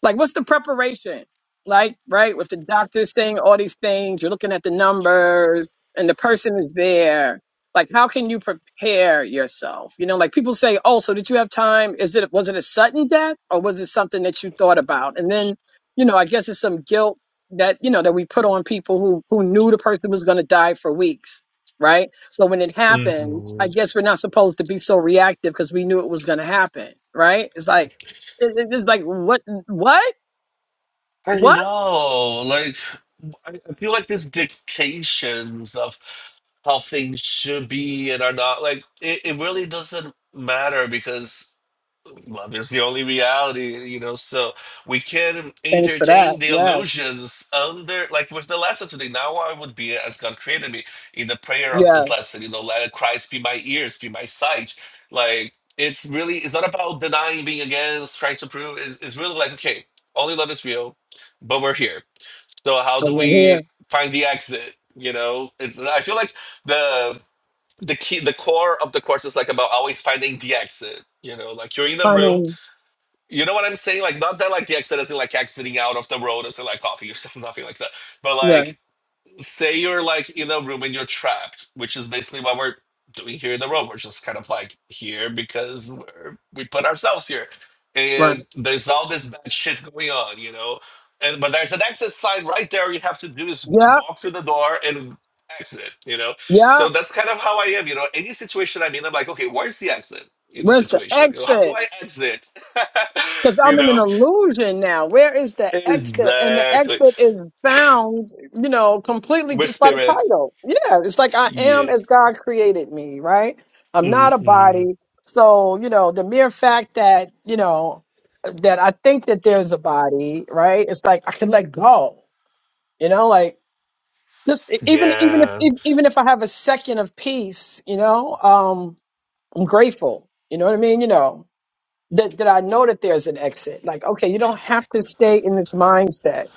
Like, what's the preparation? Like, right, with the doctor saying all these things, you're looking at the numbers, and the person is there. Like, how can you prepare yourself? You know, like people say, "Oh, so did you have time? Is it was it a sudden death, or was it something that you thought about?" And then, you know, I guess it's some guilt that you know that we put on people who who knew the person was going to die for weeks, right? So when it happens, I Mhm. guess we're not supposed to be so reactive because we knew it was going to happen, right? It's like it- it- it's just like what what I what? know, like, I I feel like there's dictations of how things should be and are not. Like, it, it really doesn't matter because well, that's the only reality, you know. So we can Thanks for that. entertain the Yes. illusions under, like with the lesson today. Now I would be as God created me in the prayer of this Yes. lesson, you know, let Christ be my ears, be my sight. Like it's really, it's not about denying, being against, trying to prove. It's, it's really like, okay, only love is real, but we're here. So how do Over we here. find the exit? You know, it's, I feel like the the key the core of the course is like about always finding the exit you know like you're in a room Honey. you know what I'm saying? Like, not that like the accident is like exiting out of the road and like coffee or stuff, nothing like that. But Yeah. like say you're like in a room and you're trapped, which is basically what we're doing here in the room. We're just kind of like here because we're, we put ourselves here, Right. and there's all this bad shit going on, you know. And but there's an exit sign right there. You have to do is Yep. walk through the door and exit, you know. Yep. So that's kind of how I am, you know. Any situation I'm in, I'm like, okay, where's the exit? in the Where's the situation you know how do exit? i exit Because you I'm in an know illusion now. Where is the exit? And the exactly exit is found, you know, completely with just by the spirit title. Yeah. It's like I am yeah as God created me, right? I'm Mhm. not a body. So, you know, the mere fact that, you know, that I think that there's a body, right? It's like I can let go, you know, like just e- even even if yeah e- even if I have a second of peace, you know, um, I'm grateful. You know what I mean? You know that that I know that there's an exit. Like, okay, you don't have to stay in this mindset.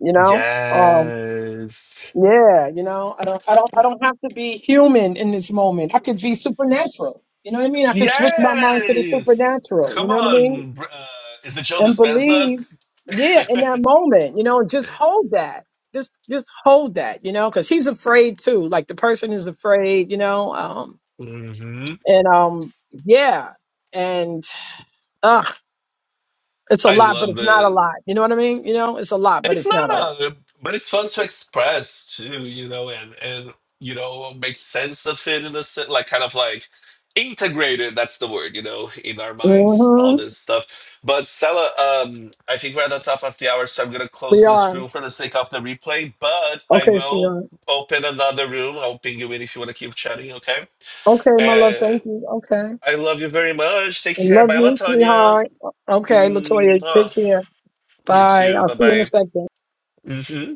You know, um, Yes. yeah, you know, I don't, I don't, I don't have to be human in this moment. I could be supernatural. You know what I mean? I could switch my mind to the Yes. supernatural. You Come know what I mean? on. br- Uh, is it Joe and Dispenza? believe yeah in that moment you know just hold that just just hold that you know because he's afraid too like the person is afraid you know um hmm and um yeah and uh it's a I lot but love it's not a this. lot you know what i mean you know it's a lot but It's it's not a lot not, but it's fun to express too, you know, and and you know, make sense of it in a sense, like kind of like integrated. That's the word, you know, in our minds, all mm-hmm. this stuff. But Stella, um, I think we're at the top of the hour, so I'm gonna we close this are room for the sake of the replay. But I okay will sweetheart open another room. I'll ping you in if you want to keep chatting. Okay. okay my love And thank you okay I love you very much. Take I care. love Bye, you Latonia. sweetheart okay Mm, latoya take oh, care you bye too. i'll see you in a Bye, second bye.